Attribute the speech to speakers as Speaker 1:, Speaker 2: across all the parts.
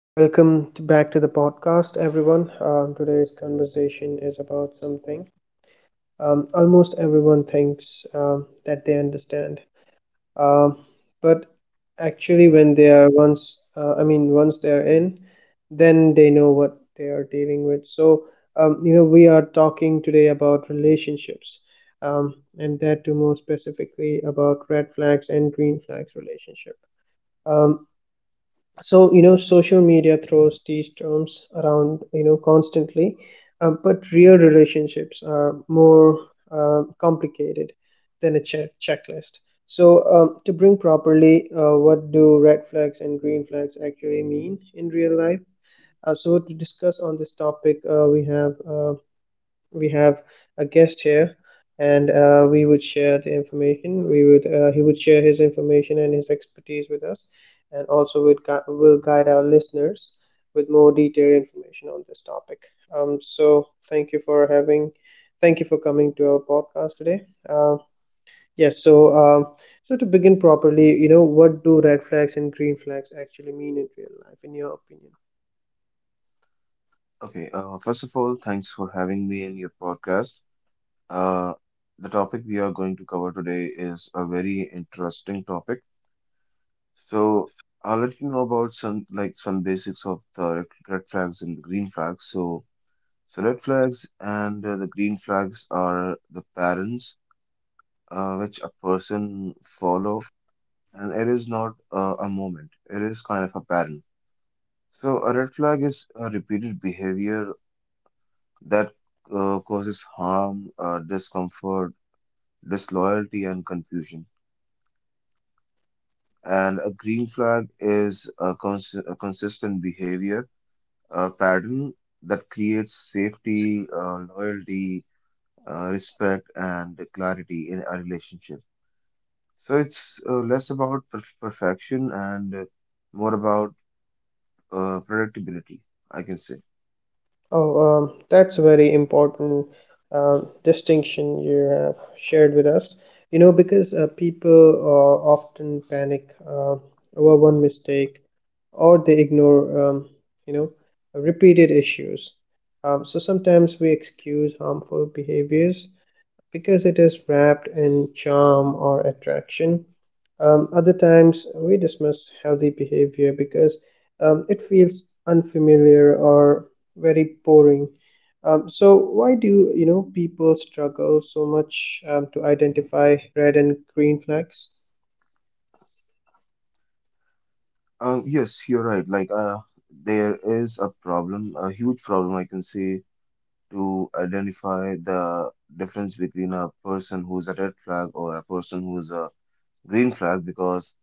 Speaker 1: Welcome to back to the podcast, everyone. Today's conversation is about something, almost everyone thinks, that they understand, um, but actually, when they are once, I mean, once they are in, then they know what they are dealing with. So, we are talking today about relationships, and that too more specifically about red flags and green flags relationship. Um, so, social media throws these terms around, constantly, but real relationships are more, complicated than a checklist. So, to bring properly, what do red flags and green flags actually mean in real life? So, to discuss on this topic, we have a guest here, and we would share the information we would he would share his information and his expertise with us, and also will guide our listeners with more detailed information on this topic. So, thank you for coming to our podcast today. uh, yes, so to begin properly, what do red flags and green flags actually mean in real life, in your opinion?
Speaker 2: Okay, first of all, thanks for having me in your podcast. Uh, the topic we are going to cover today is a very interesting topic. So I'll let you know about some basics of the red flags and green flags. So red flags and the green flags are the patterns which a person follow, and it is not a moment. It is kind of a pattern. So a red flag is a repeated behavior that causes harm, discomfort, disloyalty, and confusion. And a green flag is a consistent behavior pattern that creates safety, loyalty, respect, and clarity in a relationship. So it's less about perfection and more about predictability, I can say.
Speaker 1: Oh, that's a very important, distinction you have shared with us. Because people often panic over one mistake, or they ignore, you know, repeated issues. So, sometimes we excuse harmful behaviors because it is wrapped in charm or attraction. Other times we dismiss healthy behavior because, it feels unfamiliar or very boring. So, why do people struggle so much, to identify red and green flags?
Speaker 2: Yes, you're right. Like, there is a problem, a huge problem, I can say, to identify the difference between a person who's a red flag or a person who's a green flag because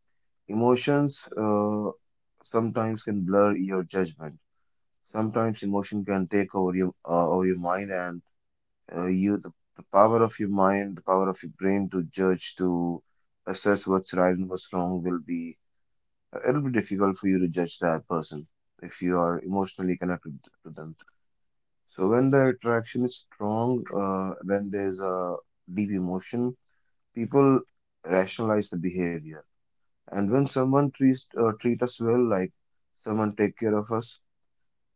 Speaker 2: emotions sometimes can blur your judgment. Sometimes emotion can take over your mind and uh, you the, the power of your mind, the power of your brain to judge, to assess what's right and what's wrong will be it'll be difficult for you to judge that person if you are emotionally connected to them. So when the attraction is strong, when there's a deep emotion, people rationalize the behavior. And when someone treats treat us well, like someone take care of us,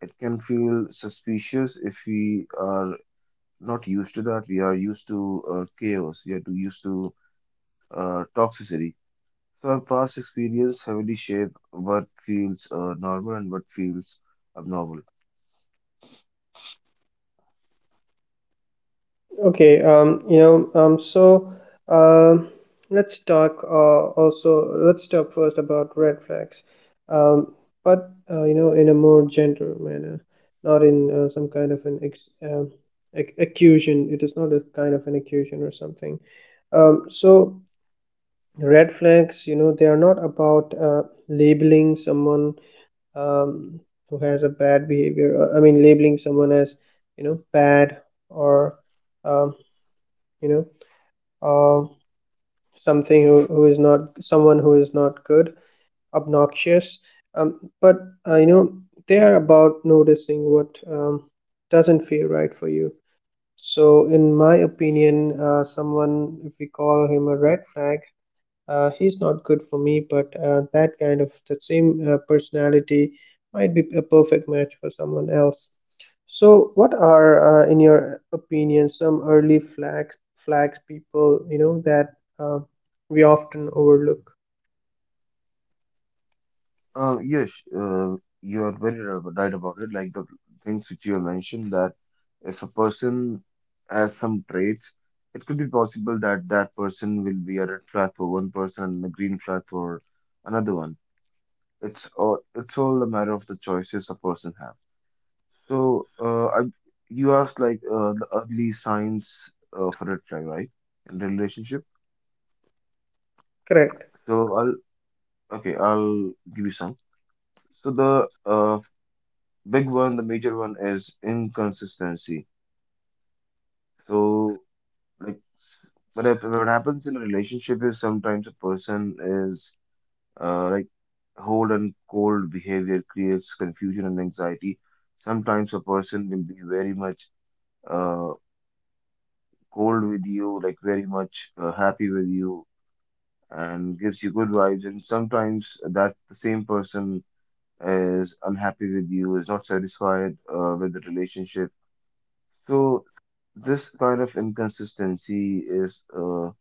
Speaker 2: it can feel suspicious if we are not used to that. We are used to chaos. We are too used to toxicity. So our past experience heavily shape what feels normal and what feels abnormal.
Speaker 1: Okay. Um, let's talk first about red flags, um, but, in a more gentle manner, not in some kind of an ex ac accusation. It is not a kind of an accusation or something. So, red flags, they are not about, labeling someone, um, who has a bad behavior. I mean, labeling someone as, bad, or um, you know uh, something, who is not someone who is not good, obnoxious. Um, but, uh, you know they are about noticing what, doesn't feel right for you. So, in my opinion, someone, if we call him a red flag, he's not good for me, but that kind of that same, personality might be a perfect match for someone else. So, what are, in your opinion, some early flags people, that we often overlook?
Speaker 2: Yes, you are very right about it. Like the things which you have mentioned, that if a person has some traits, it could be possible that that person will be a red flag for one person and a green flag for another one. It's all a matter of the choices a person have. So, you asked like the early signs of a red flag, right, in the relationship.
Speaker 1: Correct.
Speaker 2: So I'll okay, I'll give you some. So the big one, the major one is inconsistency. So, like, what happens in a relationship is sometimes a person is uh, like cold, and cold behavior creates confusion and anxiety. Sometimes a person will be very much uh, cold with you, like very much happy with you, and gives you good vibes. And sometimes that the same person is unhappy with you, is not satisfied with the relationship. So this kind of inconsistency is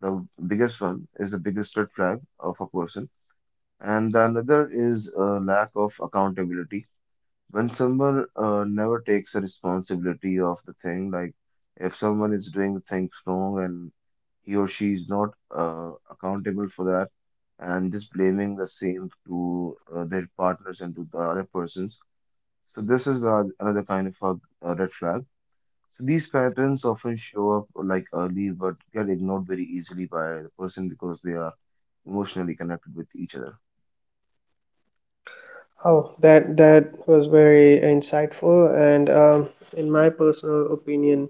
Speaker 2: the biggest one, is the biggest red flag of a person. And the another is a lack of accountability. When someone never takes a responsibility of the thing, like if someone is doing things wrong and he or she is not accountable for that and just blaming the same to their partners and to the other persons. So this is the another kind of a red flag. So these patterns often show up like early but get ignored very easily by the person because they are emotionally connected with each other.
Speaker 1: Oh, that was very insightful. And in my personal opinion,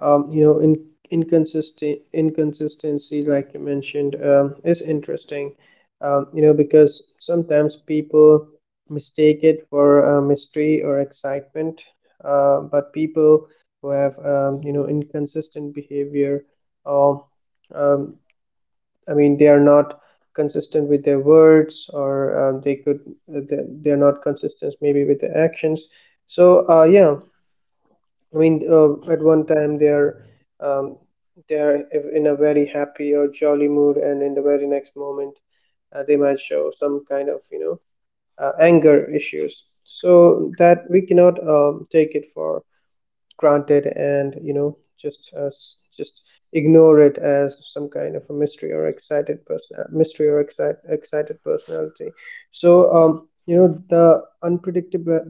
Speaker 1: in inconsistent inconsistency, like you mentioned, is interesting, because sometimes people mistake it for, mystery or excitement, but people who have, inconsistent behavior, or um, I mean, they are not consistent with their words, or they're not consistent, maybe, with their actions. So, yeah, I mean, at one time they are, um, in a very happy or jolly mood, and in the very next moment, they might show some kind of, anger issues. So that we cannot, take it for granted, and, just, just ignore it as some kind of a mystery or excited person mystery or excite, excited personality. So, the unpredictable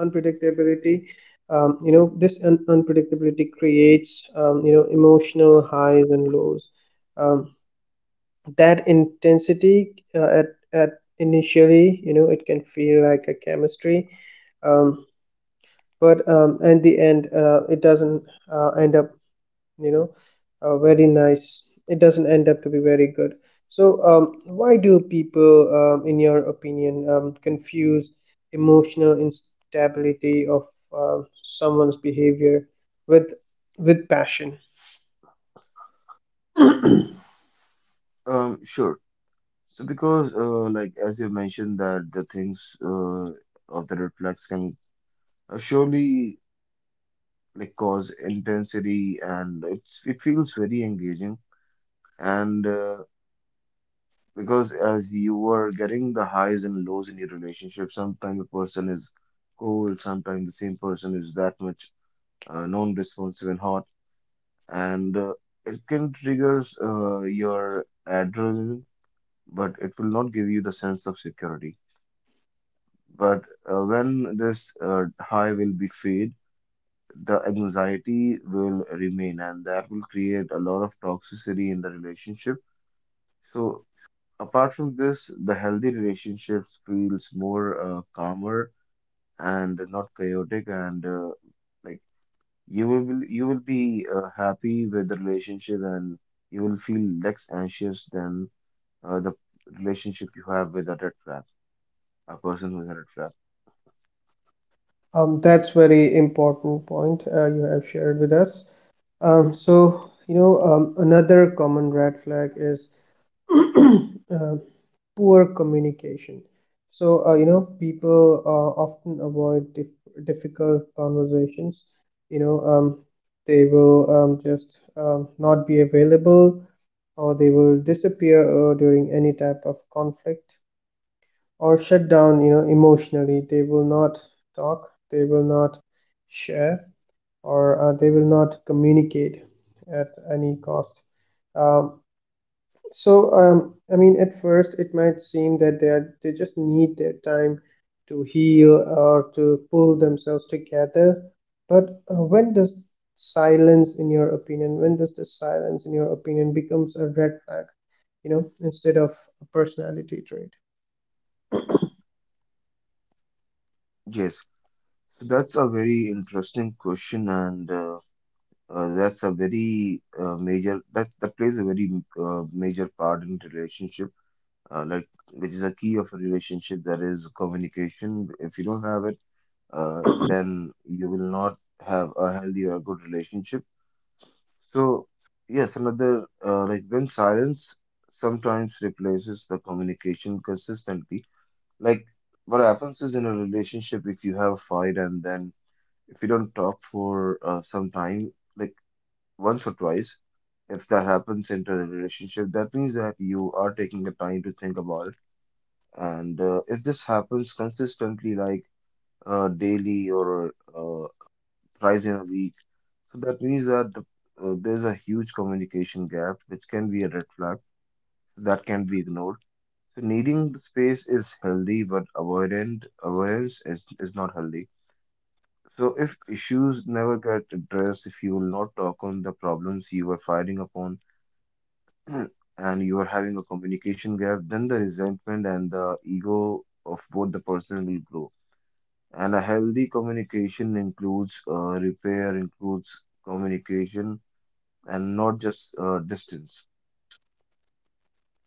Speaker 1: unpredictability, this unpredictability creates, emotional highs and lows, um, that intensity, at initially, it can feel like a chemistry, um, but, in the end, it doesn't end up you know very nice it doesn't end up to be very good. So, why do people, in your opinion, confuse emotional instability of someone's behavior with with passion?
Speaker 2: Sure. So because like as you mentioned that the things of the red flags can surely like cause intensity and it feels very engaging and because as you are getting the highs and lows in your relationship, sometimes a person is cold, sometimes the same person is that much non-responsive and hot and it can triggers your adrenaline, but it will not give you the sense of security. But when this high will be fade, the anxiety will remain, and that will create a lot of toxicity in the relationship. So apart from this, the healthy relationships feels more calmer and not chaotic and like you will be happy with the relationship and you will feel less anxious than the relationship you have with a red flag, a person with a red flag.
Speaker 1: That's very important point, you have shared with us. So, another common red flag is uh, poor communication. So, people often avoid difficult conversations. You know, um, they will, just, not be available, or they will disappear during any type of conflict, or shut down, emotionally. They will not talk, they will not share, or they will not communicate at any cost. Um, so, I mean, at first it might seem that they just need their time to heal or to pull themselves together. But when does the silence, in your opinion, becomes a red flag, instead of a personality trait?
Speaker 2: Yes, so that's a very interesting question, and that's a very major, that plays a very major part in relationship, uh, like which is a key of a relationship that is communication. If you don't have it, then you will not have a healthy or good relationship. So, yes, another when silence sometimes replaces the communication consistently. Like what happens is in a relationship, if you have a fight and then if you don't talk for some time, like once or twice, if that happens in a relationship, that means that you are taking the time to think about it. And if this happens consistently, like daily or thrice in a week. So that means that there's a huge communication gap, which can be a red flag that can be ignored. So needing the space is healthy, but avoidant avoidance is not healthy. So if issues never get addressed, if you will not talk on the problems you are fighting upon, and you are having a communication gap, then the resentment and the ego of both the person will grow. And a healthy communication includes repair, includes communication and not just distance.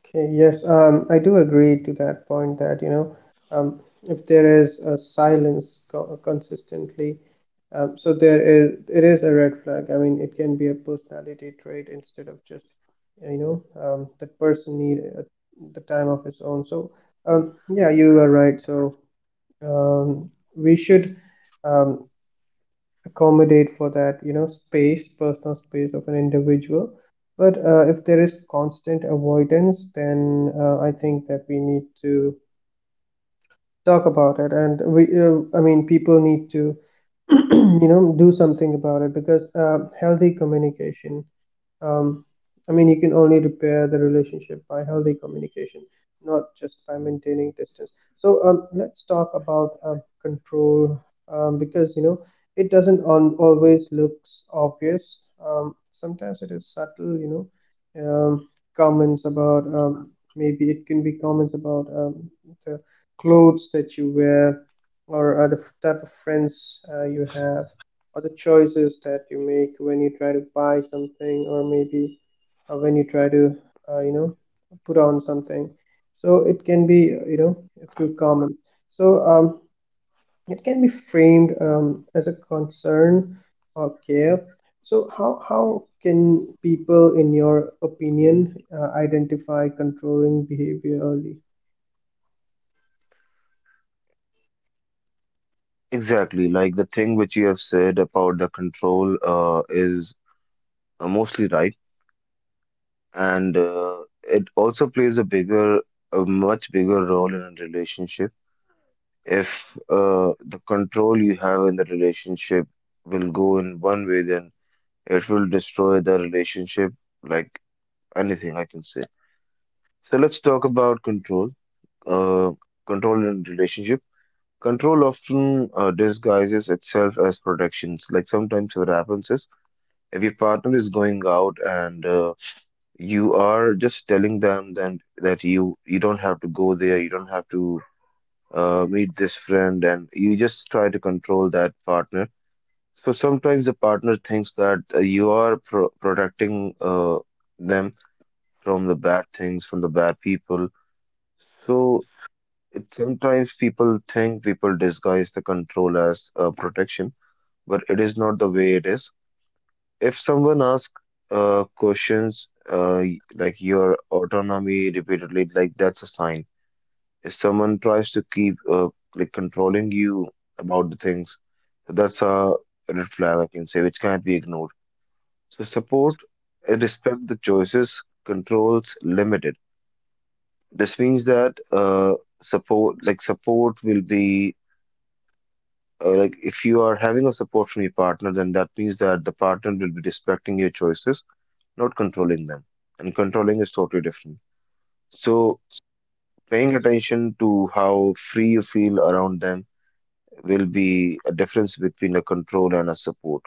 Speaker 1: Okay, yes, I do agree to that point that, um, if there is a silence consistently, so there is it is a red flag. I mean, it can be a personality trait, instead of just, that person need the time of his own. So, yeah, you are right. So um, we should, um, accommodate for that, space, personal space of an individual. But if there is constant avoidance, then I think that we need to talk about it, and we I mean, people need to do something about it, because healthy communication, um, I mean, you can only repair the relationship by healthy communication, not just by maintaining distance. So, let's talk about, control, because it doesn't on always looks obvious. Sometimes it is subtle, know, um, comments about maybe it can be comments about, the clothes that you wear, or the type of friends you have, or the choices that you make when you try to buy something, or maybe, when you try to, uh, you know put on something. So it can be, through comments. So, it can be framed, as a concern or care. So how can people, in your opinion, identify controlling behavior early?
Speaker 2: Exactly, like the thing which you have said about the control is mostly right, and it also plays a bigger, a much bigger role in a relationship. If the control you have in the relationship will go in one way, then it will destroy the relationship like anything, I can say. So let's talk about control, uh, control in relationship. Control often disguises itself as protections. Like sometimes what happens is if your partner is going out and you are just telling them then that you don't have to go there, you don't have to meet this friend, and you just try to control that partner. So sometimes the partner thinks that you are protecting them from the bad things, from the bad people. So it, sometimes people think, people disguise the control as protection, but it is not the way it is. If someone asks questions like your autonomy repeatedly, like that's a sign. If someone tries to keep like controlling you about the things, that's a red flag, I can say, which can't be ignored. So support and respect the choices, controls limited. This means that support, like support, will be like if you are having a support from your partner, then that means that the partner will be respecting your choices, not controlling them. And controlling is totally different. So paying attention to how free you feel around them will be a difference between a control and a support.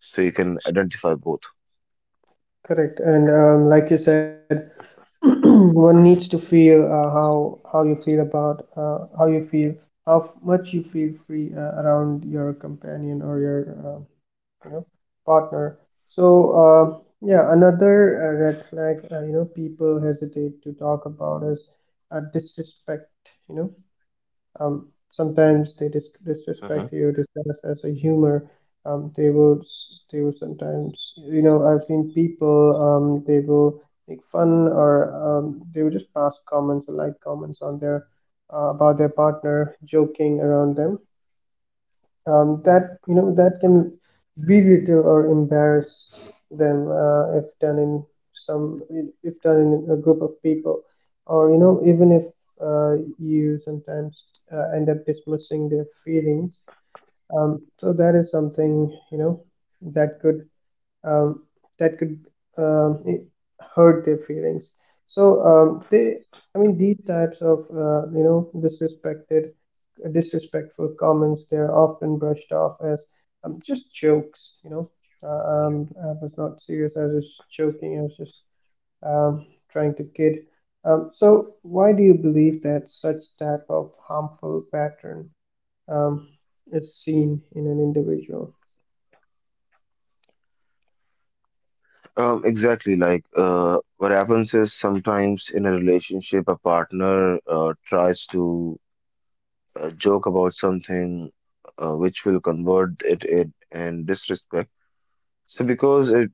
Speaker 2: So you can identify both.
Speaker 1: Correct. And like you said, one needs to feel, how you feel about how you feel how much you feel free, around your companion, or your, you know partner. So uh, yeah, another red flag, people hesitate to talk about is disrespect. you know Sometimes they
Speaker 2: Mhm.
Speaker 1: disrespect you, disguised as a humor. They will sometimes, I've seen people, they will make fun, or they will just pass comments, like about their partner, joking around them, that that can belittle or embarrass them, if done in some if done in a group of people, or even if you sometimes, end up dismissing their feelings. So that is something, that could um, that could, um, hurt their feelings. So um, they, I mean, these types of, disrespectful comments, they're often brushed off as, just jokes. I was not serious. I was just joking. I was just, um, trying to kid. So, why do you believe that such type of harmful pattern, um, is seen in an individual?
Speaker 2: Exactly. Like what happens is sometimes in a relationship, a partner tries to joke about something which will convert it in disrespect. So because it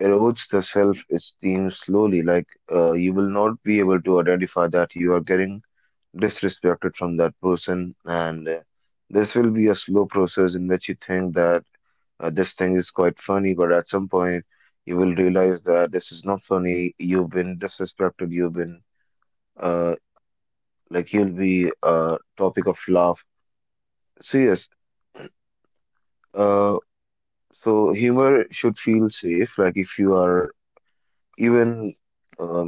Speaker 2: erodes the self-esteem slowly. Like you will not be able to identify that you are getting disrespected from that person, and this will be a slow process in which you think that this thing is quite funny, but at some point you will realize that this is not funny. You've been disrespected. You've been uh, like you'll be a topic of laugh. So yes, uh, so humor should feel safe. Like if you are even. um,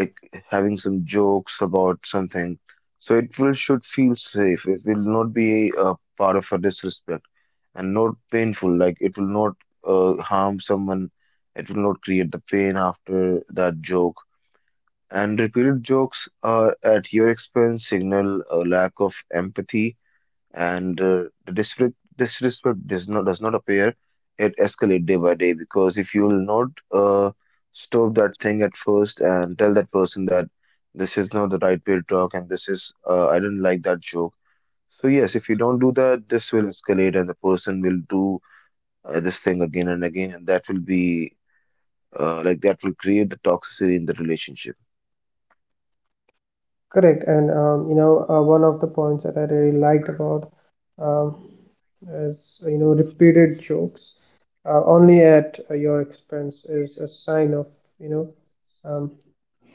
Speaker 2: like having some jokes about something. So it will should feel safe. It will not be a part of a disrespect and not painful. Like it will not harm someone. It will not create the pain after that joke. And repeated jokes are at your expense signal a lack of empathy and the disrespect does not appear, it escalates day by day, because if you will not stop that thing at first and tell that person that this is not the right way to talk and this is I don't like that joke. So yes, if you don't do that, this will escalate and the person will do this thing again and again, and that will be that will create the toxicity in the relationship.
Speaker 1: Correct. And one of the points that I really liked about, um, is, repeated jokes only at your expense is a sign of, you know um,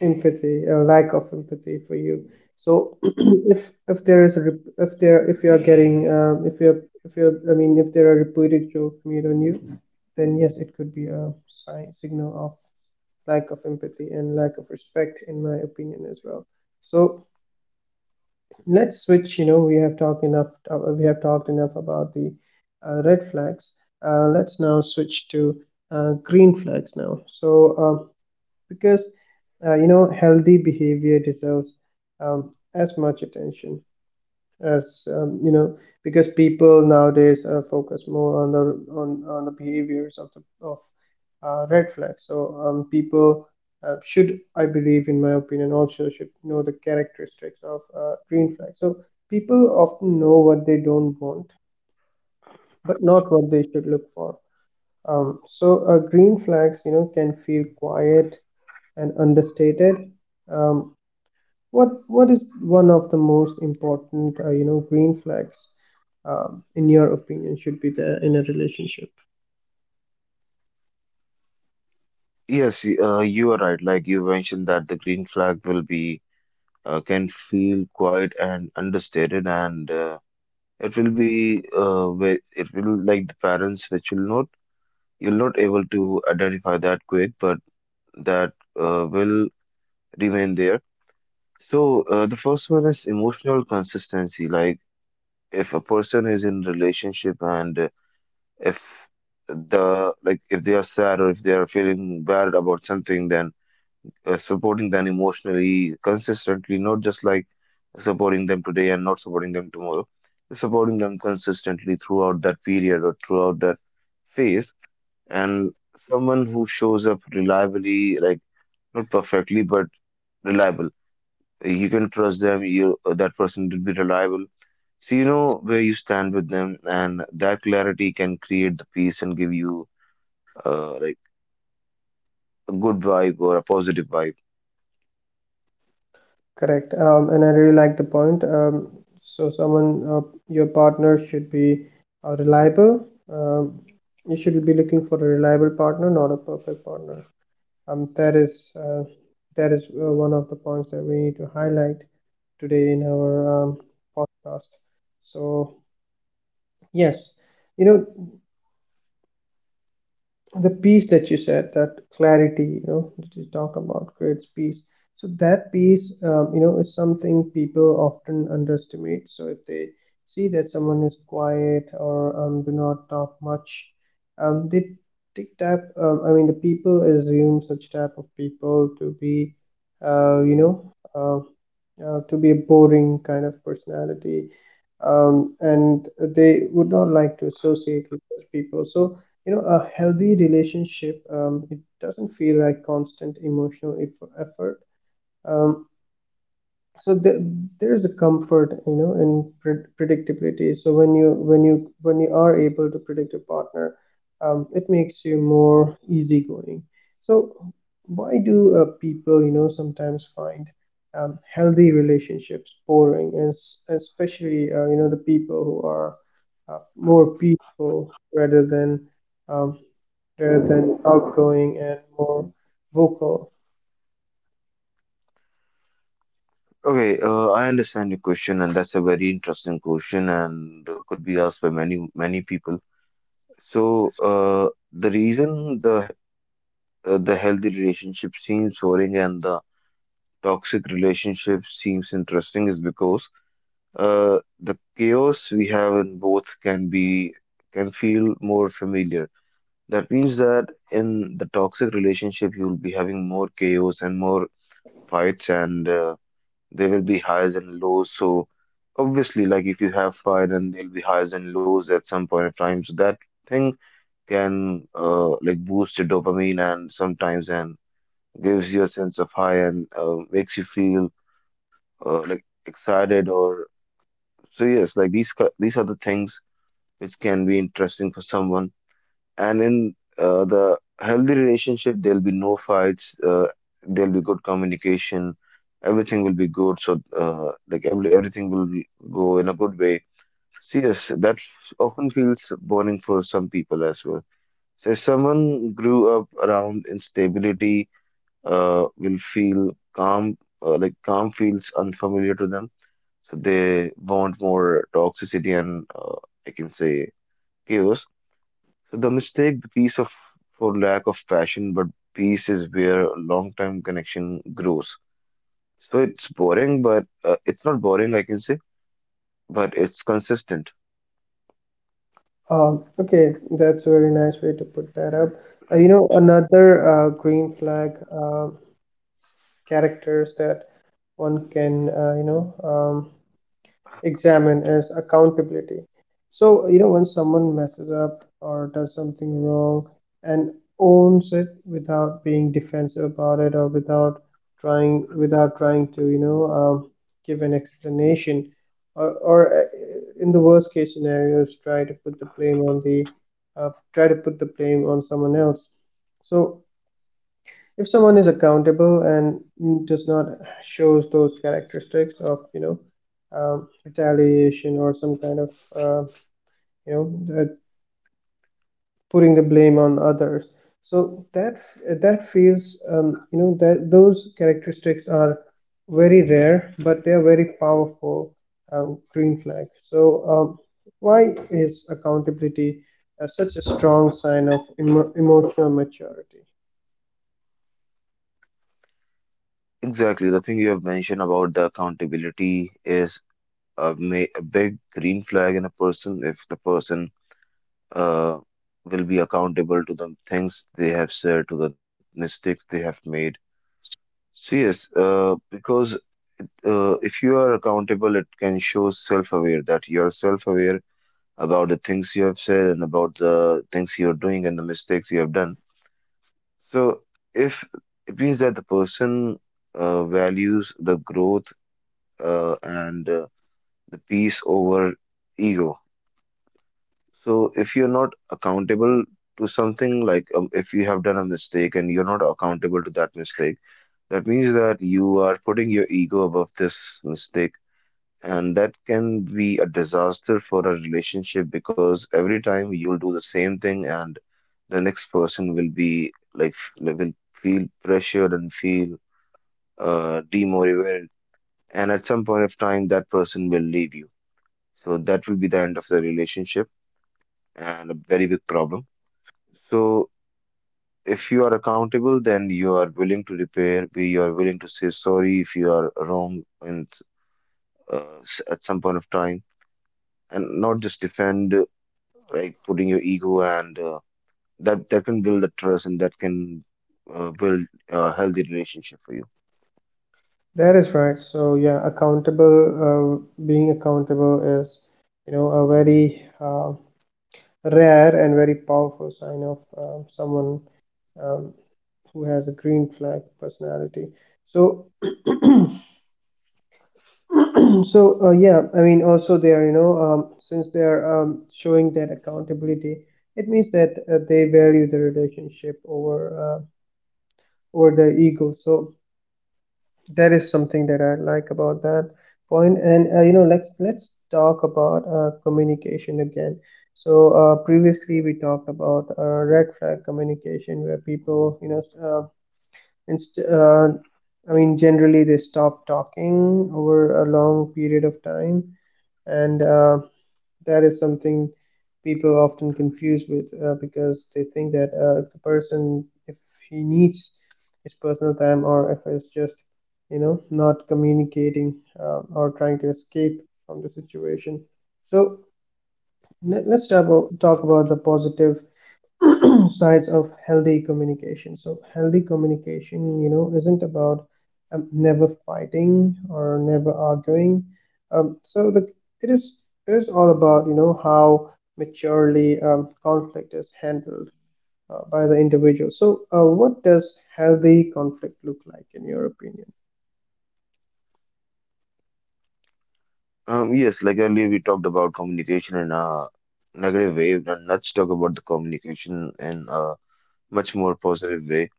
Speaker 1: empathy, a lack of empathy for you. So, if there is a rep- if there if you are getting if you're I mean, if there are repeated jokes made on you, then yes, it could be a signal of lack of empathy and lack of respect, in my opinion as well. So let's switch. We have talked enough about the, red flags. Let's now switch to green flags now, because healthy behavior deserves, um, as much attention as, because people nowadays, focus more on the on the behaviors of the of red flags. So, people, should, I believe, in my opinion, also should know the characteristics of green flags. So people often know what they don't want, but not what they should look for. Green flags, can feel quiet and understated. um, what is one of the most important, green flags, in your opinion, should be there in a relationship?
Speaker 3: Yes, you are right. Like you mentioned that the green flag will be can feel quiet and understated, and it will be it will like the parents which will not you'll not able to identify that quick, but that will remain there. So the first one is emotional consistency. Like if a person is in relationship and if the like if they are sad or if they are feeling bad about something, then supporting them emotionally, consistently, not just like supporting them today and not supporting them tomorrow, supporting them consistently throughout that period or throughout that phase. And someone who shows up reliably, like not perfectly, but reliable. You can trust them, you that person will be reliable. So you know where you stand with them, and that clarity can create the peace and give you like a good vibe or a positive vibe.
Speaker 1: Correct. And I really like the point. So someone, uh, your partner should be, reliable. Um, you should be looking for a reliable partner, not a perfect partner. Um, that is uh, that is one of the points that we need to highlight today in our podcast. So yes, you know, the peace that you said, that clarity that you talked about, creates peace. So that peace is something people often underestimate. So if they see that someone is quiet or do not talk much, they take type I mean, the people assume such type of people to be uh, you know uh, to be a boring kind of personality, and they would not like to associate with such people. So a healthy relationship, it doesn't feel like constant emotional effort. Um, so there there's a comfort in predictability. So when you are able to predict your partner, it makes you more easygoing. So why do people sometimes find healthy relationships boring? And especially the people who are more peaceful rather than um, rather than outgoing and more vocal.
Speaker 3: Okay, I understand your question, and that's a very interesting question, and could be asked by many many people. So, the reason the healthy relationship seems boring and the toxic relationship seems interesting is because the chaos we have in both can feel more familiar. That means that in the toxic relationship, you'll be having more chaos and more fights, and there will be highs and lows. So obviously, like if you have fire, then there'll be highs and lows at some point of time. So that thing can like boost your dopamine and sometimes and gives you a sense of high and makes you feel like excited or so. Yes, like these are the things which can be interesting for someone. And in the healthy relationship, there'll be no fights. There'll be good communication. Everything will be good. So like everything will go in a good way. So yes, that often feels boring for some people as well. So if someone grew up around instability, will feel calm, like calm feels unfamiliar to them. So they want more toxicity and I can say chaos. So the mistake, the piece of for lack of passion, but peace is where long-term connection grows. So it's boring, but it's not boring, I can say, but it's consistent.
Speaker 1: Okay, that's a very nice way to put that up. Another green flag characters that one can examine is accountability. So, when someone messes up or does something wrong and owns it without being defensive about it, or without trying to, give an explanation, or, in the worst case scenarios, try to put the blame on someone else. So if someone is accountable and does not shows those characteristics of retaliation or some kind of uh, you know uh, putting the blame on others, so that that feels that those characteristics are very rare but they are very powerful green flag. So um, why is accountability such a strong sign of emotional maturity?
Speaker 3: Exactly. The thing you have mentioned about the accountability is a, ma a big green flag in a person if the person uh, will be accountable to the things they have said, to the mistakes they have made. So yes, because if you are accountable, it can show self-aware that you are self-aware about the things you have said and about the things you are doing and the mistakes you have done. So if it means that the person values the growth and the peace over ego. So if you're not accountable to something like if you have done a mistake and you're not accountable to that mistake, that means that you are putting your ego above this mistake. And that can be a disaster for a relationship because every time you'll do the same thing and the next person will be will feel pressured and feel demotivated. And at some point of time, that person will leave you. So that will be the end of the relationship and a very big problem. So if you are accountable, then you are willing to repair, be you are willing to say sorry if you are wrong and at some point of time, and not just defend like putting your ego and that that can build a trust and that can build a healthy relationship for you.
Speaker 1: That is right. So yeah, accountable, being accountable is, a very rare and very powerful sign of someone um, who has a green flag personality. So so yeah, I mean also they are, since they are showing that accountability, it means that they value the relationship over uh, over their ego. So that is something that I like about that point. And let's talk about communication again. So previously we talked about red flag communication, where people, inst- uh, I mean, generally they stop talking over a long period of time, and that is something people often confuse with because they think that if the person, if he needs his personal time, or if it's just not communicating or trying to escape from the situation. So let us talk about the positive sides of healthy communication. So healthy communication, isn't about never fighting or never arguing. So the it is it is all about how maturely conflict is handled by the individual. So what does healthy conflict look like in your opinion?
Speaker 3: Yes, like earlier we talked about communication in a negative way, and let's talk about the communication in a much more positive way.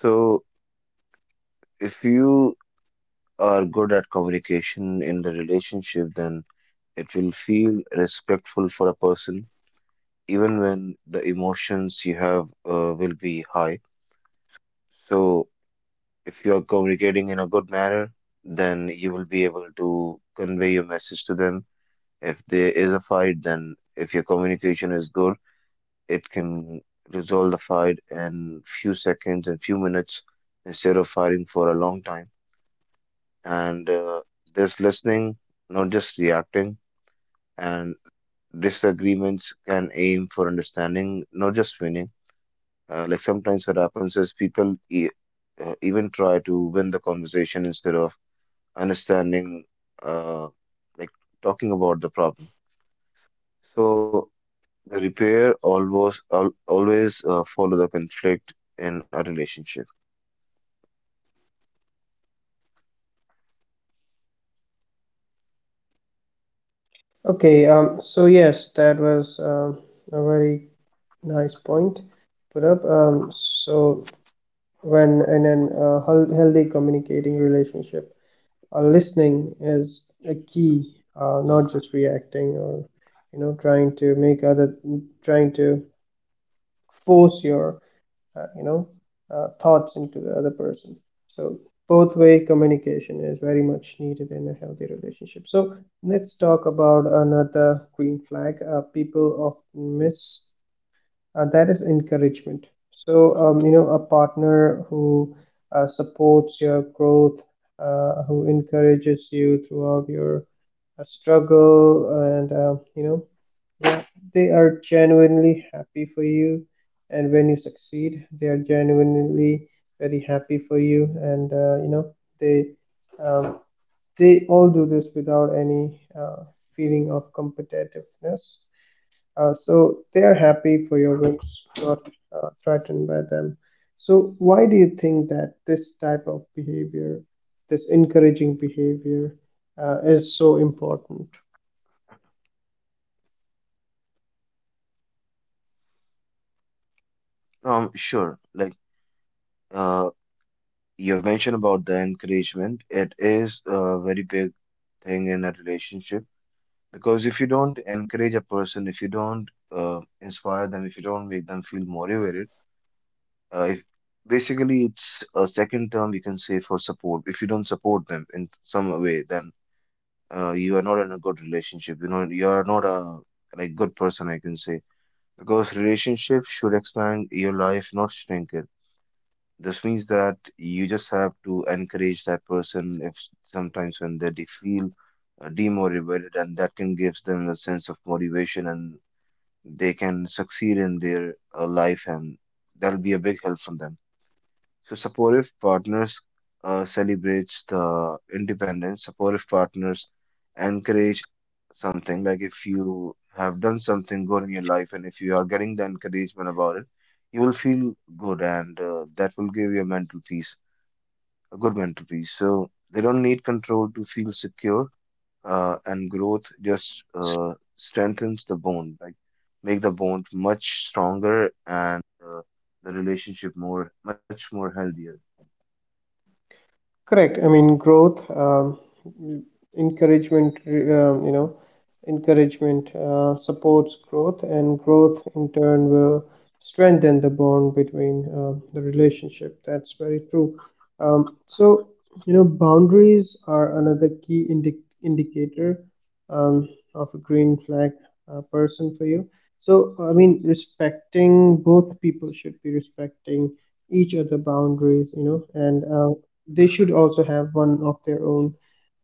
Speaker 3: So if you are good at communication in the relationship, then it will feel respectful for a person, even when the emotions you have will be high. So, if you are communicating in a good manner, then you will be able to convey your message to them. If there is a fight, then if your communication is good, it can resolve the fight in few seconds and few minutes instead of fighting for a long time. And this listening, not just reacting and disagreements can aim for understanding, not just winning. Like sometimes what happens is people even try to win the conversation instead of understanding, uh, like talking about the problem. So the repair always follow the conflict in a relationship.
Speaker 1: Okay, so yes, that was a very nice point put up. When in an healthy communicating relationship, listening is a key, not just reacting or you know trying to make other trying to force your uh, you know thoughts into the other person. So both way communication is very much needed in a healthy relationship. So let's talk about another green flag people often miss, that is encouragement. So a partner who supports your growth, who encourages you throughout your struggle, and yeah, they are genuinely happy for you, and when you succeed they are genuinely very happy for you. And they um, they all do this without any uh, feeling of competitiveness. They are happy for your works, not threatened by them. So why do you think that this type of behavior, this encouraging behavior, is so important?
Speaker 3: Sure, like uh, you've mentioned about the encouragement, it is a very big thing in a relationship. Because if you don't encourage a person, if you don't inspire them, if you don't make them feel motivated, if basically it's a second term we can say for support. If you don't support them in some way, then you are not in a good relationship. You know, you are not a like good person, I can say. Because relationship should expand your life, not shrink it. This means that you just have to encourage that person if sometimes when they feel demotivated and that can give them a sense of motivation and they can succeed in their life and that'll be a big help from them. So supportive partners celebrates the independence. Supportive partners encourage something like if you have done something good in your life and if you are getting the encouragement about it, you will feel good and that will give you a mental peace, a good mental peace. So they don't need control to feel secure and growth just strengthens the bond, like make the bond much stronger and the relationship more much more healthier.
Speaker 1: Correct. I mean, growth, encouragement, um, you know, supports growth, and growth in turn will strengthen the bond between the relationship. That's very true. Um, so, Boundaries are another key indicator um, of a green flag person for you. So, I mean, respecting, both people should be respecting each other boundaries, and they should also have one of their own.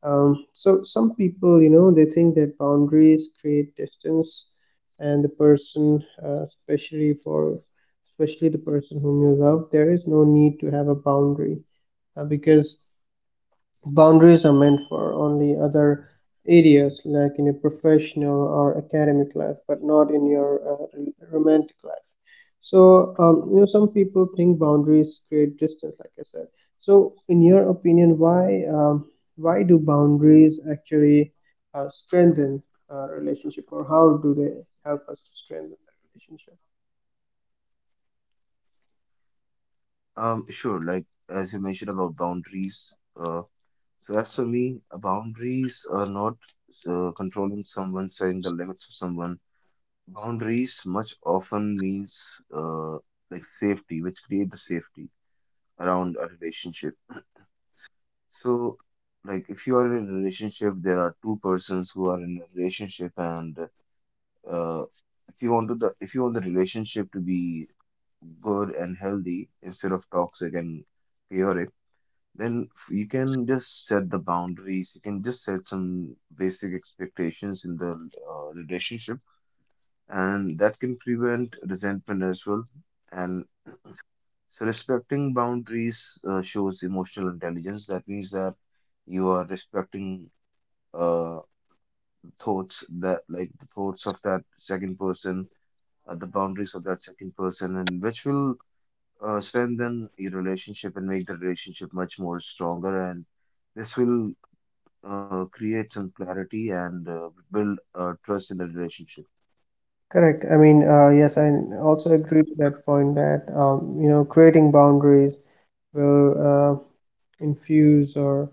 Speaker 1: Some people, they think that boundaries create distance, and the person, especially the person whom you love, there is no need to have a boundary, because boundaries are meant for only other areas, like in your professional or academic life, but not in your romantic life. So some people think boundaries create distance, like I said. So in your opinion, why do boundaries actually strengthen a relationship, or how do they help us to strengthen the relationship?
Speaker 3: Sure, like as you mentioned about boundaries, uh, so as for me, boundaries are not controlling someone, setting the limits for someone. Boundaries much often means uh, like safety, which create the safety around a relationship. So, like, if you are in a relationship, there are two persons who are in a relationship, and uh, if you want to the if you want the relationship to be good and healthy instead of toxic and chaotic, then you can just set the boundaries. You can just set some basic expectations in the relationship, and that can prevent resentment as well. And so, respecting boundaries shows emotional intelligence. That means that you are respecting uh, thoughts that like the thoughts of that second person, the boundaries of that second person, and which will strengthen your relationship and make the relationship much more stronger. And this will create some clarity and build trust in the relationship.
Speaker 1: Correct. I mean, yes, I also agree to that point that creating boundaries will infuse, or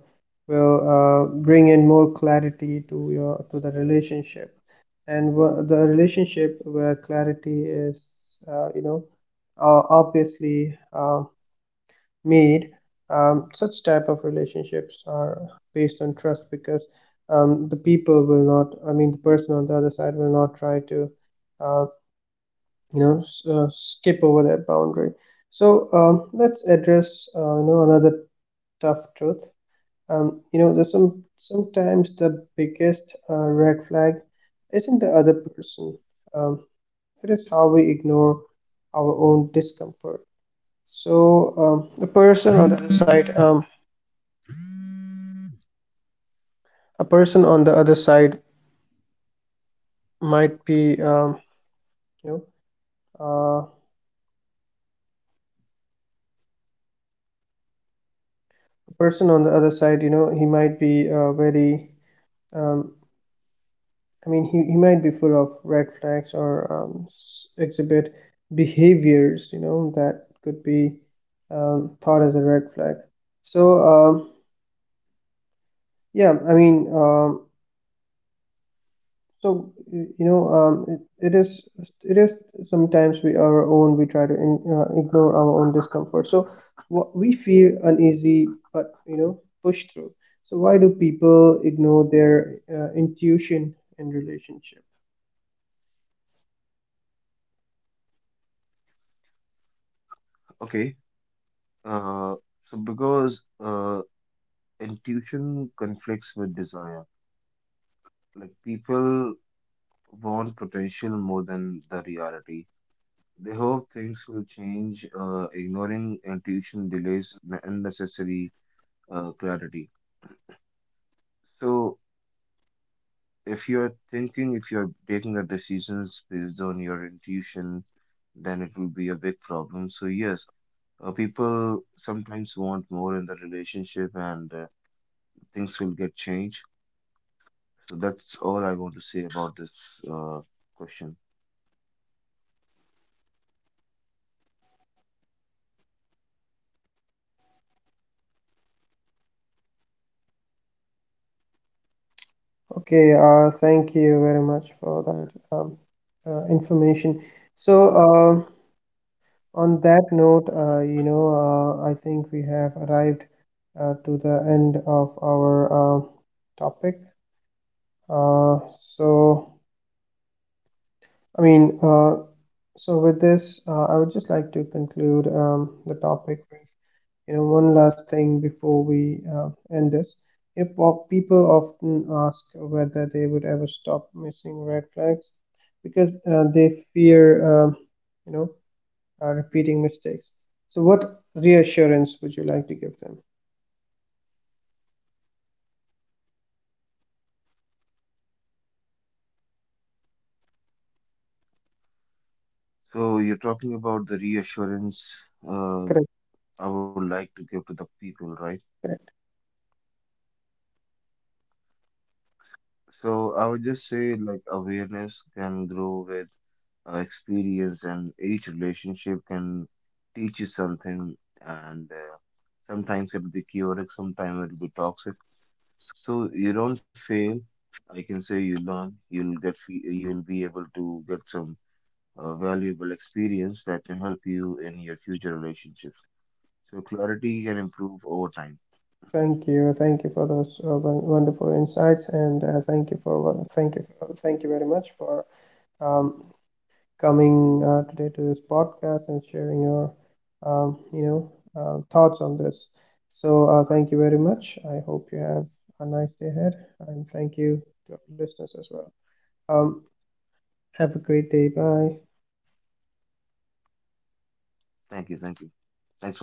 Speaker 1: will bring in more clarity to your, to the relationship. And the relationship where clarity is uh, you know obviously made, such type of relationships are based on trust, because the people will not, I mean the person on the other side will not try to uh, you know skip over that boundary. So let's address another tough truth. There's sometimes the biggest red flag isn't the other person. Um, it is how we ignore our own discomfort.
Speaker 4: Person on the other side, you know, he might be very, um, I mean, he might be full of red flags or exhibit behaviors, you know, that could be thought as a red flag. So, yeah, I mean, So y- you know, it, it is sometimes we our own we try to ignore our own discomfort. So what we feel uneasy, but you know, push through. So why do people ignore their intuition in relationship?
Speaker 5: Okay. Uh, so because intuition conflicts with desire. Like people want potential more than the reality. They hope things will change. Ignoring intuition delays unnecessary clarity. So if you're thinking, if you're taking the decisions based on your intuition, then it will be a big problem. So yes, people sometimes want more in the relationship, and things will get changed. So that's all I want to say about this question.
Speaker 4: Okay, thank you very much for that information. So on that note, you know, I think we have arrived to the end of our topic. Uh, so, I mean, uh, so with this, I would just like to conclude the topic with, you know, one last thing before we end this. You know, people often ask whether they would ever stop missing red flags because they fear, you know, repeating mistakes. So, what reassurance would you like to give them?
Speaker 5: So you're talking about the reassurance uh,
Speaker 4: Correct,
Speaker 5: I would like to give to the people, right?
Speaker 4: correct.
Speaker 5: So I would just say like awareness can grow with experience, and each relationship can teach you something. And sometimes it'll be chaotic, sometimes it'll be toxic. So you don't fail. I can say you learn. You'll you'll be able to get some valuable experience that can help you in your future relationships. So clarity can improve over time.
Speaker 4: Thank you for those wonderful insights, and thank you for what- thank you for, thank you very much for um, coming today to this podcast and sharing your um, you know thoughts on this. So thank you very much. I hope you have a nice day ahead, and thank you to our listeners as well. Um, have a great day. Bye.
Speaker 5: Thank you. Thank you. Thanks for having me.